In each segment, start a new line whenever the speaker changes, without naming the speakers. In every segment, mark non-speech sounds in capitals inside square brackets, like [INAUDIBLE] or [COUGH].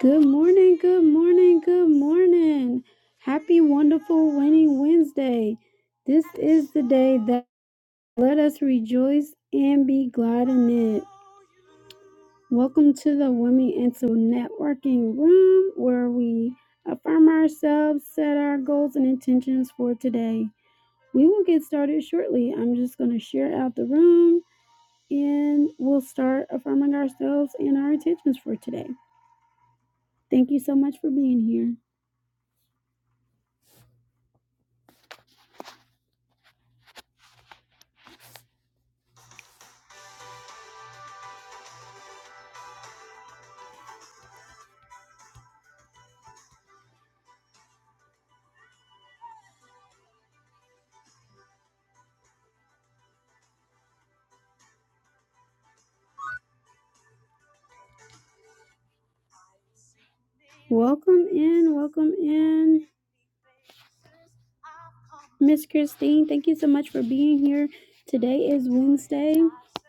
Good morning, good morning, good morning. Happy, wonderful, winning Wednesday. This is the day that let us rejoice and be glad in it. Welcome to the Women into Networking Room where we affirm ourselves, set our goals and intentions for today. We will get started shortly. I'm just going to share out the room and we'll start affirming ourselves and our intentions for today. Thank you so much for being here. Welcome in, welcome in, Miss Christine. Thank you so much for being here. Today is Wednesday,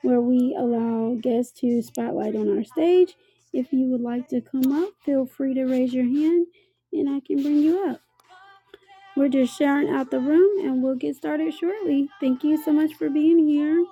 where we allow guests to spotlight on our stage. If you would like to come up, feel free to raise your hand and I can bring you up. We're just sharing out the room and we'll get started shortly. Thank you so much for being here.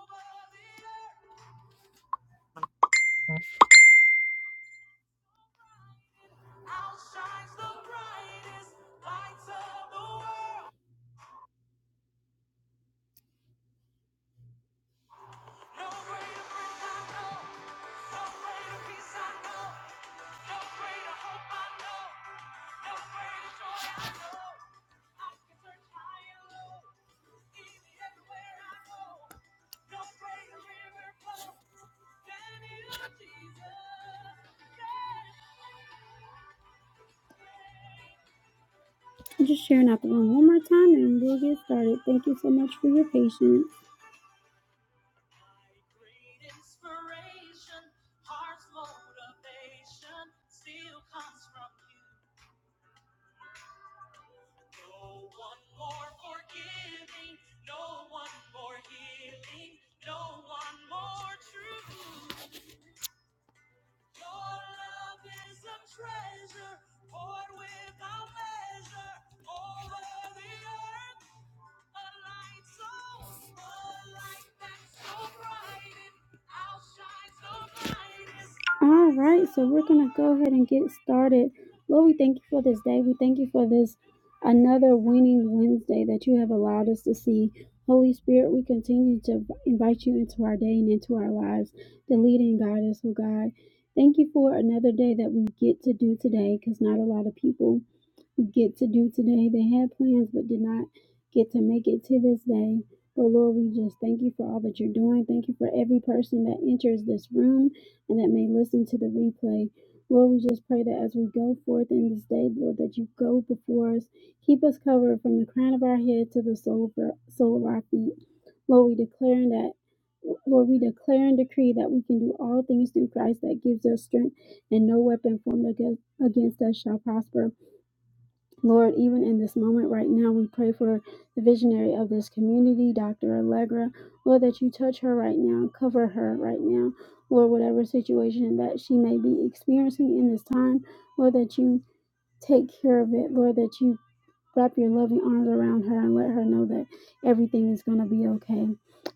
Just sharing out the room one more time and we'll get started. Thank you so much for your patience. All right, so we're going to go ahead and get started. Lord, we thank you for this day. We thank you for this another winning Wednesday that you have allowed us to see. Holy Spirit, we continue to invite you into our day and into our lives to lead and guide us, oh God. Thank you for another day that we get to do today because not a lot of people get to do today. They had plans but did not get to make it to this day. But Lord, we just thank you for all that you're doing. Thank you for every person that enters this room and that may listen to the replay. Lord, we just pray that as we go forth in this day, Lord, that you go before us. Keep us covered from the crown of our head to the sole of our, sole of our feet. Lord, we declare that, Lord, we declare and decree that we can do all things through Christ that gives us strength, and no weapon formed against, against us shall prosper. Lord, even in this moment right now, we pray for the visionary of this community, Dr. Allegra. Lord, that you touch her right now, cover her right now. Lord, whatever situation that she may be experiencing in this time, Lord, that you take care of it. Lord, that you wrap your loving arms around her and let her know that everything is going to be okay.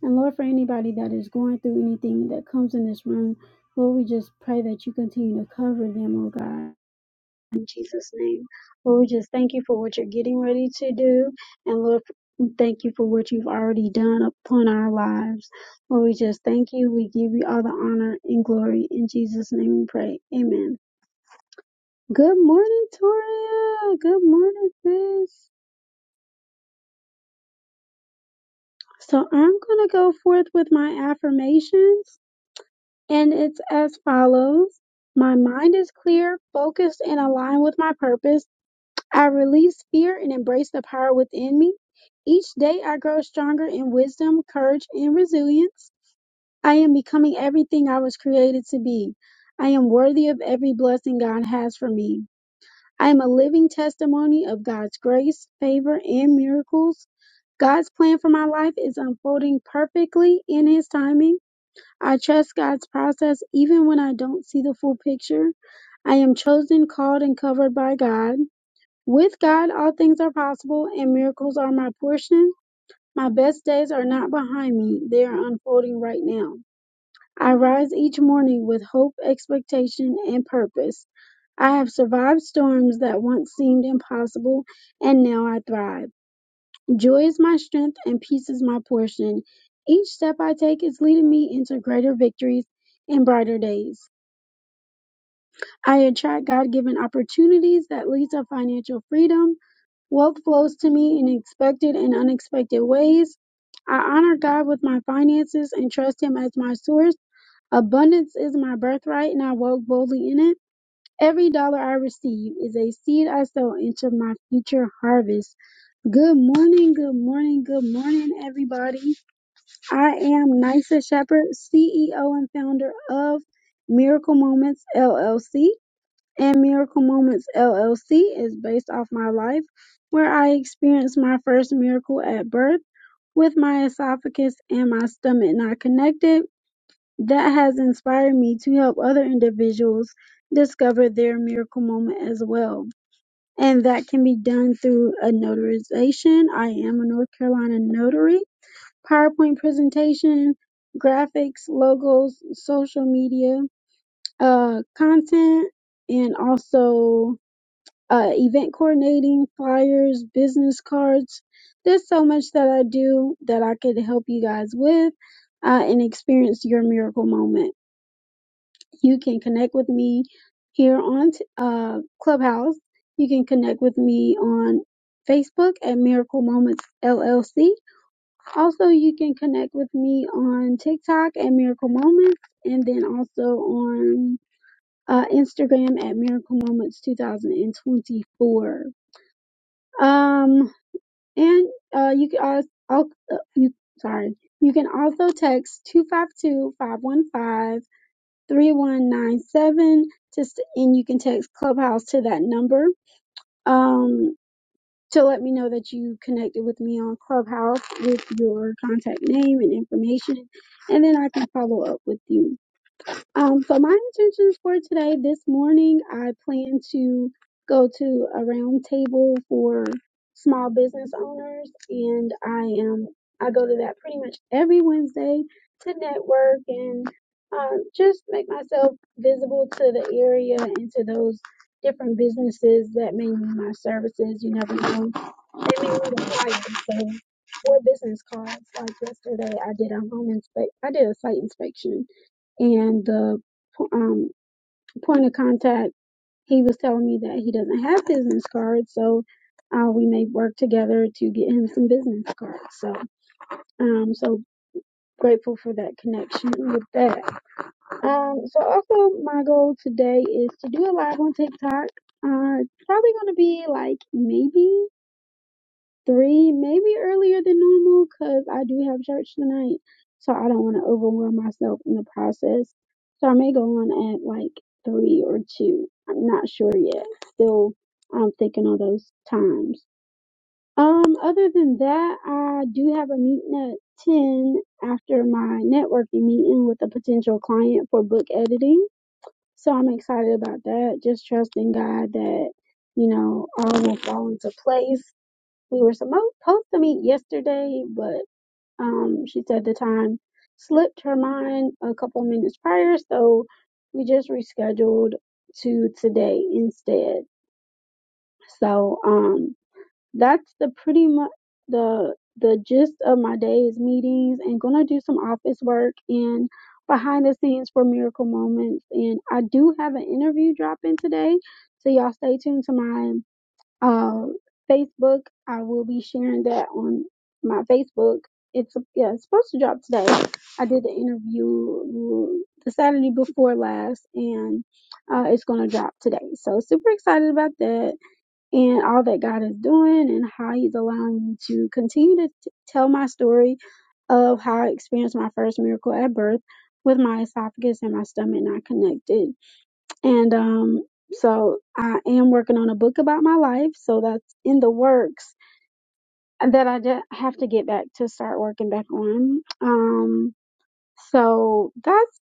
And Lord, for anybody that is going through anything that comes in this room, Lord, we just pray that you continue to cover them, oh God. In Jesus' name. Lord, we just thank you for what you're getting ready to do. And Lord, we thank you for what you've already done upon our lives. Lord, we just thank you. We give you all the honor and glory. In Jesus' name we pray. Amen. Good morning, Toria. Good morning, sis. So I'm going to go forth with my affirmations, and it's as follows. My mind is clear, focused, and aligned with my purpose. I release fear and embrace the power within me. Each day I grow stronger in wisdom, courage, and resilience. I am becoming everything I was created to be. I am worthy of every blessing God has for me. I am a living testimony of God's grace, favor, and miracles. God's plan for my life is unfolding perfectly in His timing. I trust God's process even when I don't see the full picture. I am chosen, called, and covered by God. With God, all things are possible, and miracles are my portion. My best days are not behind me, they are unfolding right now. I rise each morning with hope, expectation, and purpose. I have survived storms that once seemed impossible, and now I thrive. Joy is my strength, and peace is my portion. Each step I take is leading me into greater victories and brighter days. I attract God given opportunities that lead to financial freedom. Wealth flows to me in expected and unexpected ways. I honor God with my finances and trust Him as my source. Abundance is my birthright, and I walk boldly in it. Every dollar I receive is a seed I sow into my future harvest. Good morning, good morning, good morning, everybody. I am Nysa Shepherd, CEO and founder of Miracle Moments LLC and Miracle Moments LLC is based off my life, where I experienced my first miracle at birth with my esophagus and my stomach not connected. That has inspired me to help other individuals discover their miracle moment as well. And that can be done through a notarization. I am a North Carolina notary, PowerPoint presentation, graphics, logos, social media, uh, content, and also uh, event coordinating, flyers, business cards. There's so much that I do that I could help you guys with uh, and experience your miracle moment. You can connect with me here on t- uh, Clubhouse. You can connect with me on Facebook at Miracle Moments LLC. Also, you can connect with me on TikTok at Miracle Moments and then also on uh, Instagram at Miracle Moments 2024 um, and uh, you can also, I'll, uh, you sorry, you can also text two five two five one five three one nine seven 515 3197 just and you can text Clubhouse to that number. Um, to let me know that you connected with me on Clubhouse with your contact name and information, and then I can follow up with you. Um, so my intentions for today, this morning, I plan to go to a round table for small business owners, and I am I go to that pretty much every Wednesday to network and uh, just make myself visible to the area and to those different businesses that may need my services. You never know, they may need a flyer. So, or business cards. Like yesterday, I did a home inspe I did a site inspection and the po- um, point of contact he was telling me that he doesn't have business cards so uh, we may work together to get him some business cards so um so grateful for that connection with that um so also my goal today is to do a live on tiktok uh it's probably going to be like maybe three, maybe earlier than normal, because I do have church tonight. So I don't want to overwhelm myself in the process. So I may go on at like three or two. I'm not sure yet. Still, I'm thinking on those times. Um, other than that, I do have a meeting at 10 after my networking meeting with a potential client for book editing. So I'm excited about that. Just trusting God that, you know, all will fall into place we were supposed to meet yesterday, but um, she said the time slipped her mind a couple minutes prior, so we just rescheduled to today instead. So um, that's the pretty much the the gist of my day's meetings, and gonna do some office work and behind the scenes for Miracle Moments, and I do have an interview dropping today, so y'all stay tuned to my uh, Facebook. I will be sharing that on my Facebook. It's yeah, it's supposed to drop today. I did the interview mm, the Saturday before last, and uh, it's going to drop today. So super excited about that and all that God is doing and how He's allowing me to continue to t- tell my story of how I experienced my first miracle at birth with my esophagus and my stomach not connected and um, so I am working on a book about my life. So that's in the works that I de- have to get back to start working back on. Um, so that's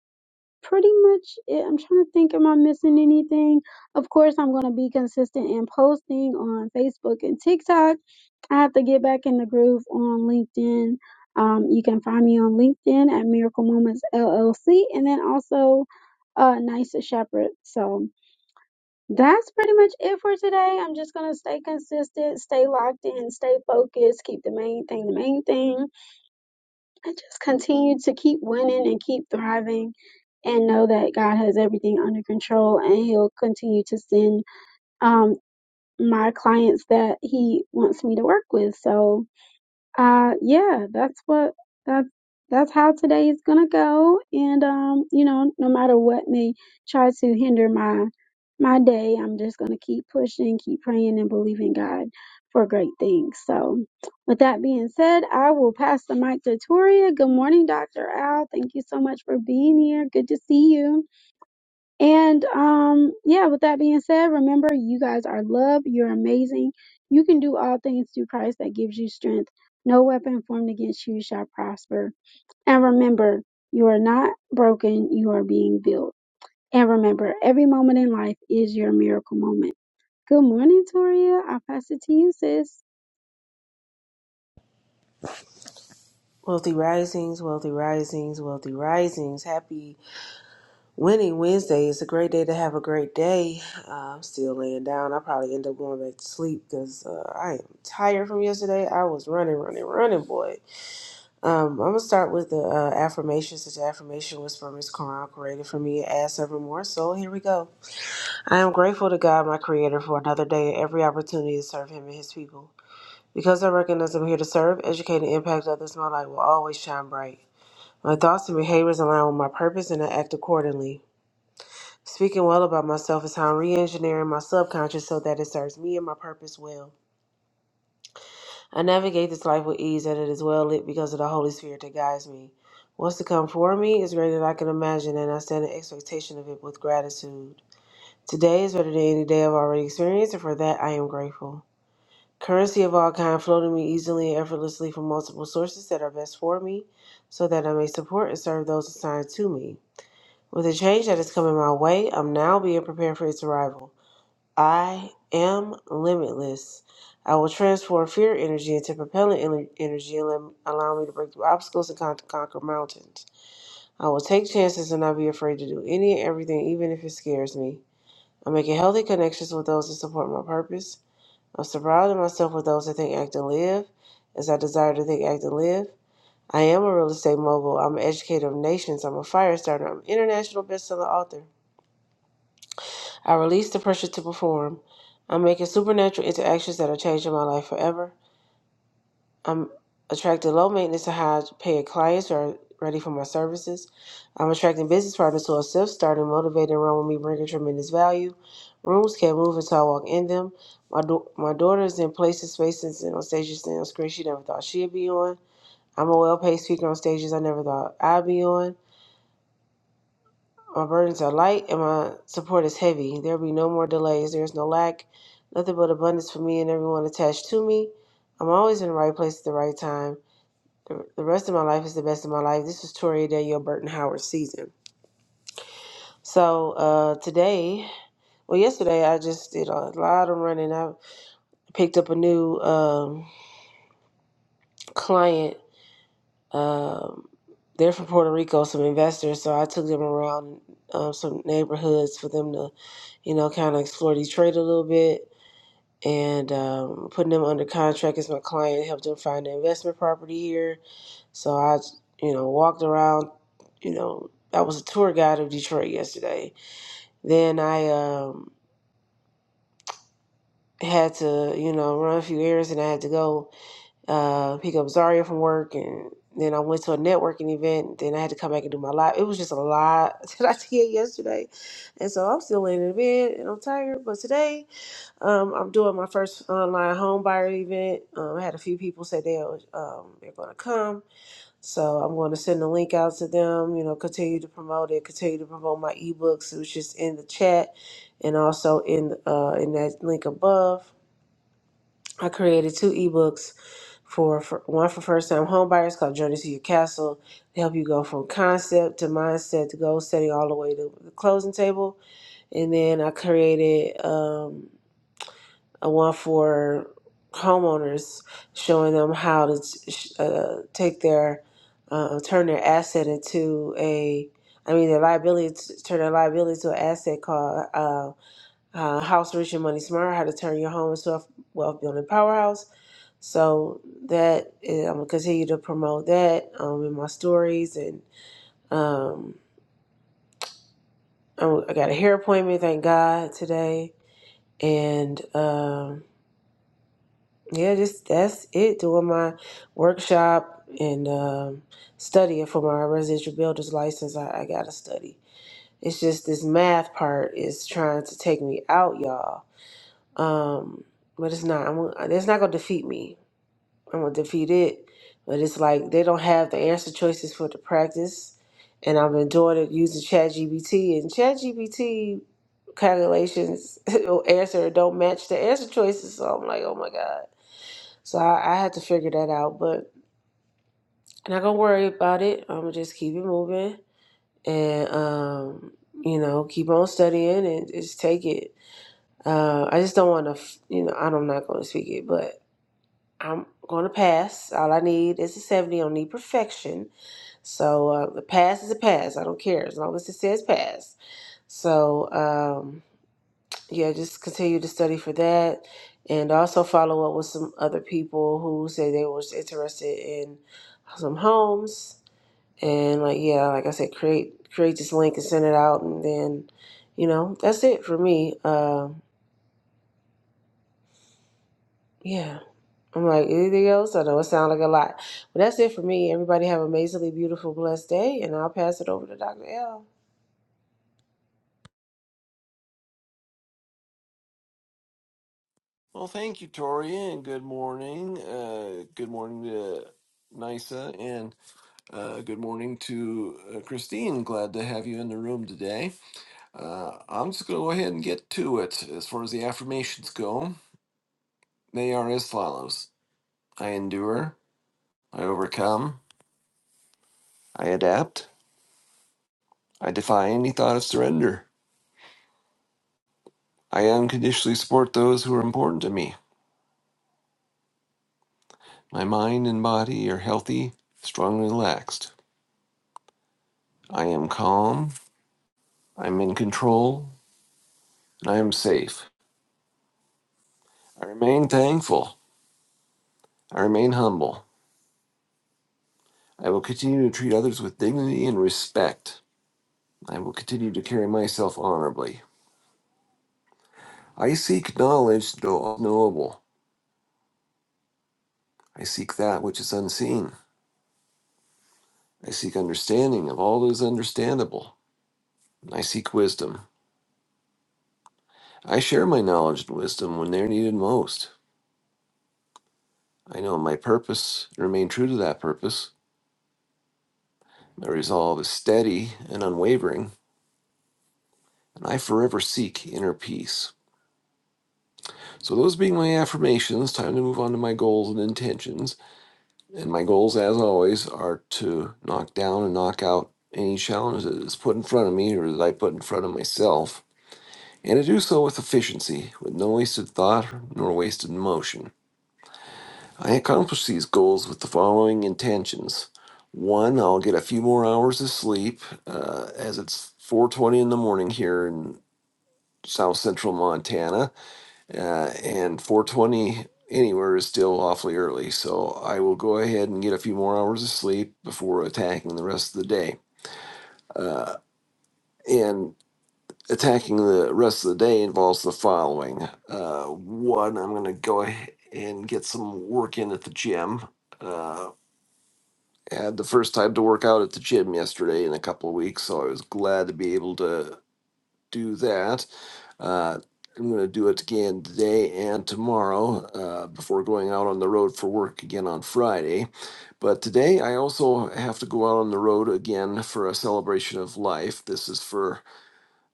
pretty much it. I'm trying to think, am I missing anything? Of course, I'm going to be consistent in posting on Facebook and TikTok. I have to get back in the groove on LinkedIn. Um, you can find me on LinkedIn at Miracle Moments LLC and then also uh, Nice Shepherd. So, that's pretty much it for today. I'm just going to stay consistent, stay locked in, stay focused, keep the main thing the main thing, and just continue to keep winning and keep thriving and know that God has everything under control and he'll continue to send um my clients that he wants me to work with. So uh yeah, that's what that's that's how today is gonna go. And um, you know, no matter what may try to hinder my my day, I'm just gonna keep pushing, keep praying and believing God for great things. So with that being said, I will pass the mic to Toria. Good morning, Dr. Al. Thank you so much for being here. Good to see you. And um, yeah, with that being said, remember you guys are loved. You're amazing. You can do all things through Christ that gives you strength. No weapon formed against you shall prosper. And remember, you are not broken. You are being built. And remember, every moment in life is your miracle moment. Good morning, Toria. I'll pass it to you, sis.
Wealthy Risings, Wealthy Risings, Wealthy Risings. Happy Winning Wednesday. It's a great day to have a great day. Uh, I'm still laying down. I probably end up going back to sleep because uh, I am tired from yesterday. I was running, running, running, boy. Um, I'm going to start with the uh, affirmations. This affirmation was from Miss Quran, created for me and asked evermore. So here we go. I am grateful to God, my Creator, for another day and every opportunity to serve Him and His people. Because I recognize I'm here to serve, educate, and impact others, my light will always shine bright. My thoughts and behaviors align with my purpose and I act accordingly. Speaking well about myself is how I'm re engineering my subconscious so that it serves me and my purpose well. I navigate this life with ease and it is well lit because of the Holy Spirit that guides me. What's to come for me is greater than I can imagine, and I stand in expectation of it with gratitude. Today is better than any day I've already experienced, and for that I am grateful. Currency of all kind flow to me easily and effortlessly from multiple sources that are best for me, so that I may support and serve those assigned to me. With the change that is coming my way, I'm now being prepared for its arrival. I am limitless. I will transform fear energy into propellant en- energy and lem- allow me to break through obstacles and con- conquer mountains. I will take chances and not be afraid to do any and everything, even if it scares me. I'm making healthy connections with those that support my purpose. I'm surrounding myself with those that think, act, and live as I desire to think, act, and live. I am a real estate mogul. I'm an educator of nations. I'm a fire starter. I'm an international bestseller author. I release the pressure to perform. I'm making supernatural interactions that are changing my life forever. I'm attracting low maintenance to high paid clients who are ready for my services. I'm attracting business partners who are self starting, motivated, and run with me, bringing tremendous value. Rooms can't move until I walk in them. My, do- my daughter is in places, spaces, and on stages and on screens she never thought she'd be on. I'm a well paid speaker on stages I never thought I'd be on. My burdens are light and my support is heavy. There be no more delays. There is no lack, nothing but abundance for me and everyone attached to me. I'm always in the right place at the right time. The, the rest of my life is the best of my life. This is Toria Danielle Burton Howard season. So uh, today, well, yesterday I just did a lot of running. I picked up a new um, client. Um, they're from Puerto Rico, some investors. So I took them around um, some neighborhoods for them to, you know, kind of explore Detroit a little bit and um, putting them under contract as my client, helped them find an investment property here. So I, you know, walked around, you know, I was a tour guide of Detroit yesterday. Then I um, had to, you know, run a few errands and I had to go uh, pick up Zaria from work. And then I went to a networking event. Then I had to come back and do my live. It was just a lot [LAUGHS] that I did yesterday. And so I'm still laying in bed and I'm tired. But today, Um, I'm doing my first online home buyer event. Um, I had a few people say they um, they're going to come, so I'm going to send the link out to them. You know, continue to promote it, continue to promote my ebooks, which is in the chat, and also in uh, in that link above. I created two ebooks for, for one for first time home buyers called Journey to Your Castle to help you go from concept to mindset to goal setting all the way to the closing table. And then I created. Um, I want for homeowners showing them how to sh- uh, take their uh, turn their asset into a I mean their liability to, turn their liability to an asset called uh, uh, House Rich and Money Smart. How to turn your home into a wealth building powerhouse. So that is, I'm gonna continue to promote that um, in my stories, and um, I I got a hair appointment, thank God today, and. um yeah, just that's it. Doing my workshop and um, studying for my residential builder's license. I, I gotta study. It's just this math part is trying to take me out, y'all. Um, but it's not. I'm. gonna- uh, It's not gonna defeat me. I'm gonna defeat it. But it's like they don't have the answer choices for the practice, and I've been doing it using ChatGPT and ChatGPT calculations [LAUGHS] answer don't match the answer choices. So I'm like, oh my god. So I, I had to figure that out, but I'm not gonna worry about it. I'm gonna just keep it moving and um, you know keep on studying and just take it. Uh, I just don't want to, f- you know, I'm not gonna speak it, but I'm gonna pass. All I need is a 70. I don't need perfection. So uh, the pass is a pass. I don't care as long as it says pass. So. Um, yeah, just continue to study for that and also follow up with some other people who say they was interested in some homes and like yeah, like I said, create create this link and send it out and then, you know, that's it for me. Uh, yeah. I'm like, anything else? I know it sounds like a lot. But that's it for me. Everybody have an amazingly beautiful, blessed day and I'll pass it over to Dr. L.
Well, thank you, Tori, and good morning. Uh, good morning to Nisa, and uh, good morning to uh, Christine. Glad to have you in the room today. Uh, I'm just going to go ahead and get to it. As far as the affirmations go, they are as follows I endure, I overcome, I adapt, I defy any thought of surrender, I unconditionally support those who are important to me. My mind and body are healthy, strongly relaxed. I am calm, I'm in control. and I am safe. I remain thankful. I remain humble. I will continue to treat others with dignity and respect. I will continue to carry myself honorably. I seek knowledge, though unknowable. I seek that which is unseen. I seek understanding of all that is understandable. I seek wisdom. I share my knowledge and wisdom when they are needed most. I know my purpose and remain true to that purpose. My resolve is steady and unwavering, and I forever seek inner peace. So, those being my affirmations, time to move on to my goals and intentions. And my goals, as always, are to knock down and knock out any challenge that is put in front of me or that I put in front of myself, and to do so with efficiency, with no wasted thought nor wasted motion. I accomplish these goals with the following intentions. One, I'll get a few more hours of sleep, uh, as it's 4:20 in the morning here in South Central Montana. uh, and 420 anywhere is still awfully early. So I will go ahead and get a few more hours of sleep before attacking the rest of the day. Uh, and attacking the rest of the day involves the following: uh, one, I'm going to go ahead and get some work in at the gym. Uh, had the first time to work out at the gym yesterday in a couple of weeks, so I was glad to be able to do that Uh, I'm going to do it again today and tomorrow uh, before going out on the road for work again on Friday. But today I also have to go out on the road again for a celebration of life. This is for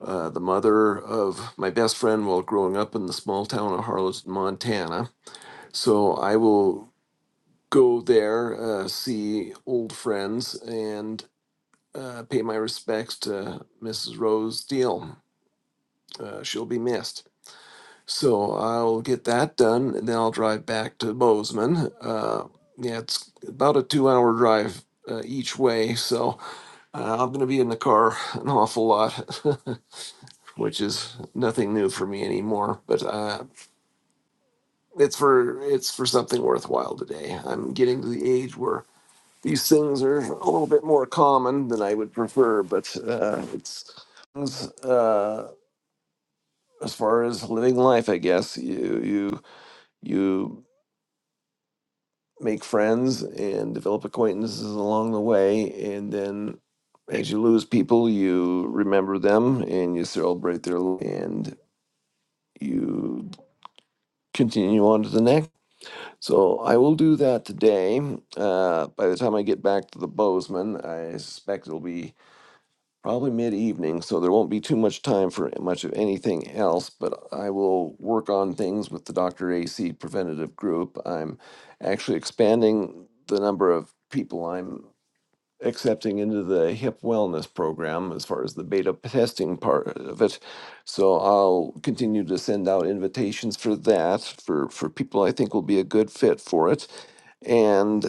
uh, the mother of my best friend while growing up in the small town of Harlow, Montana. So I will go there, uh, see old friends, and uh, pay my respects to Mrs. Rose Deal. Uh, she'll be missed. So I'll get that done, and then I'll drive back to Bozeman. Uh, yeah, it's about a two-hour drive uh, each way, so uh, I'm going to be in the car an awful lot, [LAUGHS] which is nothing new for me anymore. But uh, it's for it's for something worthwhile today. I'm getting to the age where these things are a little bit more common than I would prefer, but uh, it's uh, as far as living life, I guess you you you make friends and develop acquaintances along the way. And then as you lose people, you remember them and you celebrate their l- and you continue on to the next. So I will do that today. Uh, by the time I get back to the Bozeman, I suspect it'll be probably mid-evening, so there won't be too much time for much of anything else, but I will work on things with the Dr. AC preventative group. I'm actually expanding the number of people I'm accepting into the hip wellness program as far as the beta testing part of it. So I'll continue to send out invitations for that for for people I think will be a good fit for it. And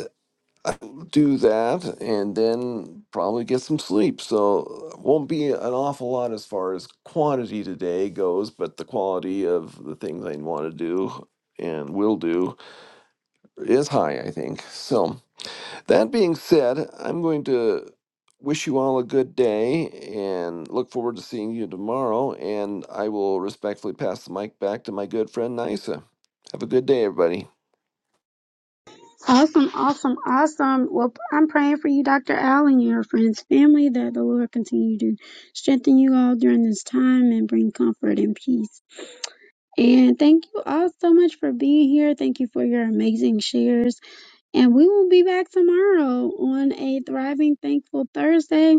I will do that and then probably get some sleep. So uh, won't be an awful lot as far as quantity today goes, but the quality of the things I want to do and will do is high, I think. So that being said, I'm going to wish you all a good day and look forward to seeing you tomorrow. And I will respectfully pass the mic back to my good friend Nisa. Have a good day, everybody.
Awesome, awesome, awesome. Well, I'm praying for you, Dr. Al, and your friends, family, that the Lord continue to strengthen you all during this time and bring comfort and peace. And thank you all so much for being here. Thank you for your amazing shares. And we will be back tomorrow on a Thriving Thankful Thursday.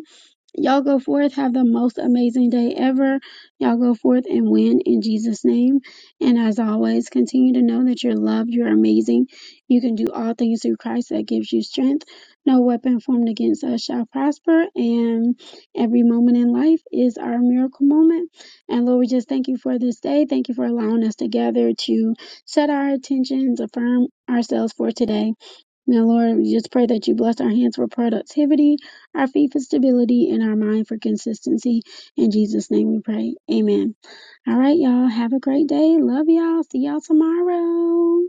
Y'all go forth, have the most amazing day ever. Y'all go forth and win in Jesus' name. And as always, continue to know that you're loved, you're amazing. You can do all things through Christ that gives you strength. No weapon formed against us shall prosper. And every moment in life is our miracle moment. And Lord, we just thank you for this day. Thank you for allowing us together to set our intentions, affirm ourselves for today. Now, Lord, we just pray that you bless our hands for productivity, our feet for stability, and our mind for consistency. In Jesus' name we pray. Amen. All right, y'all. Have a great day. Love y'all. See y'all tomorrow.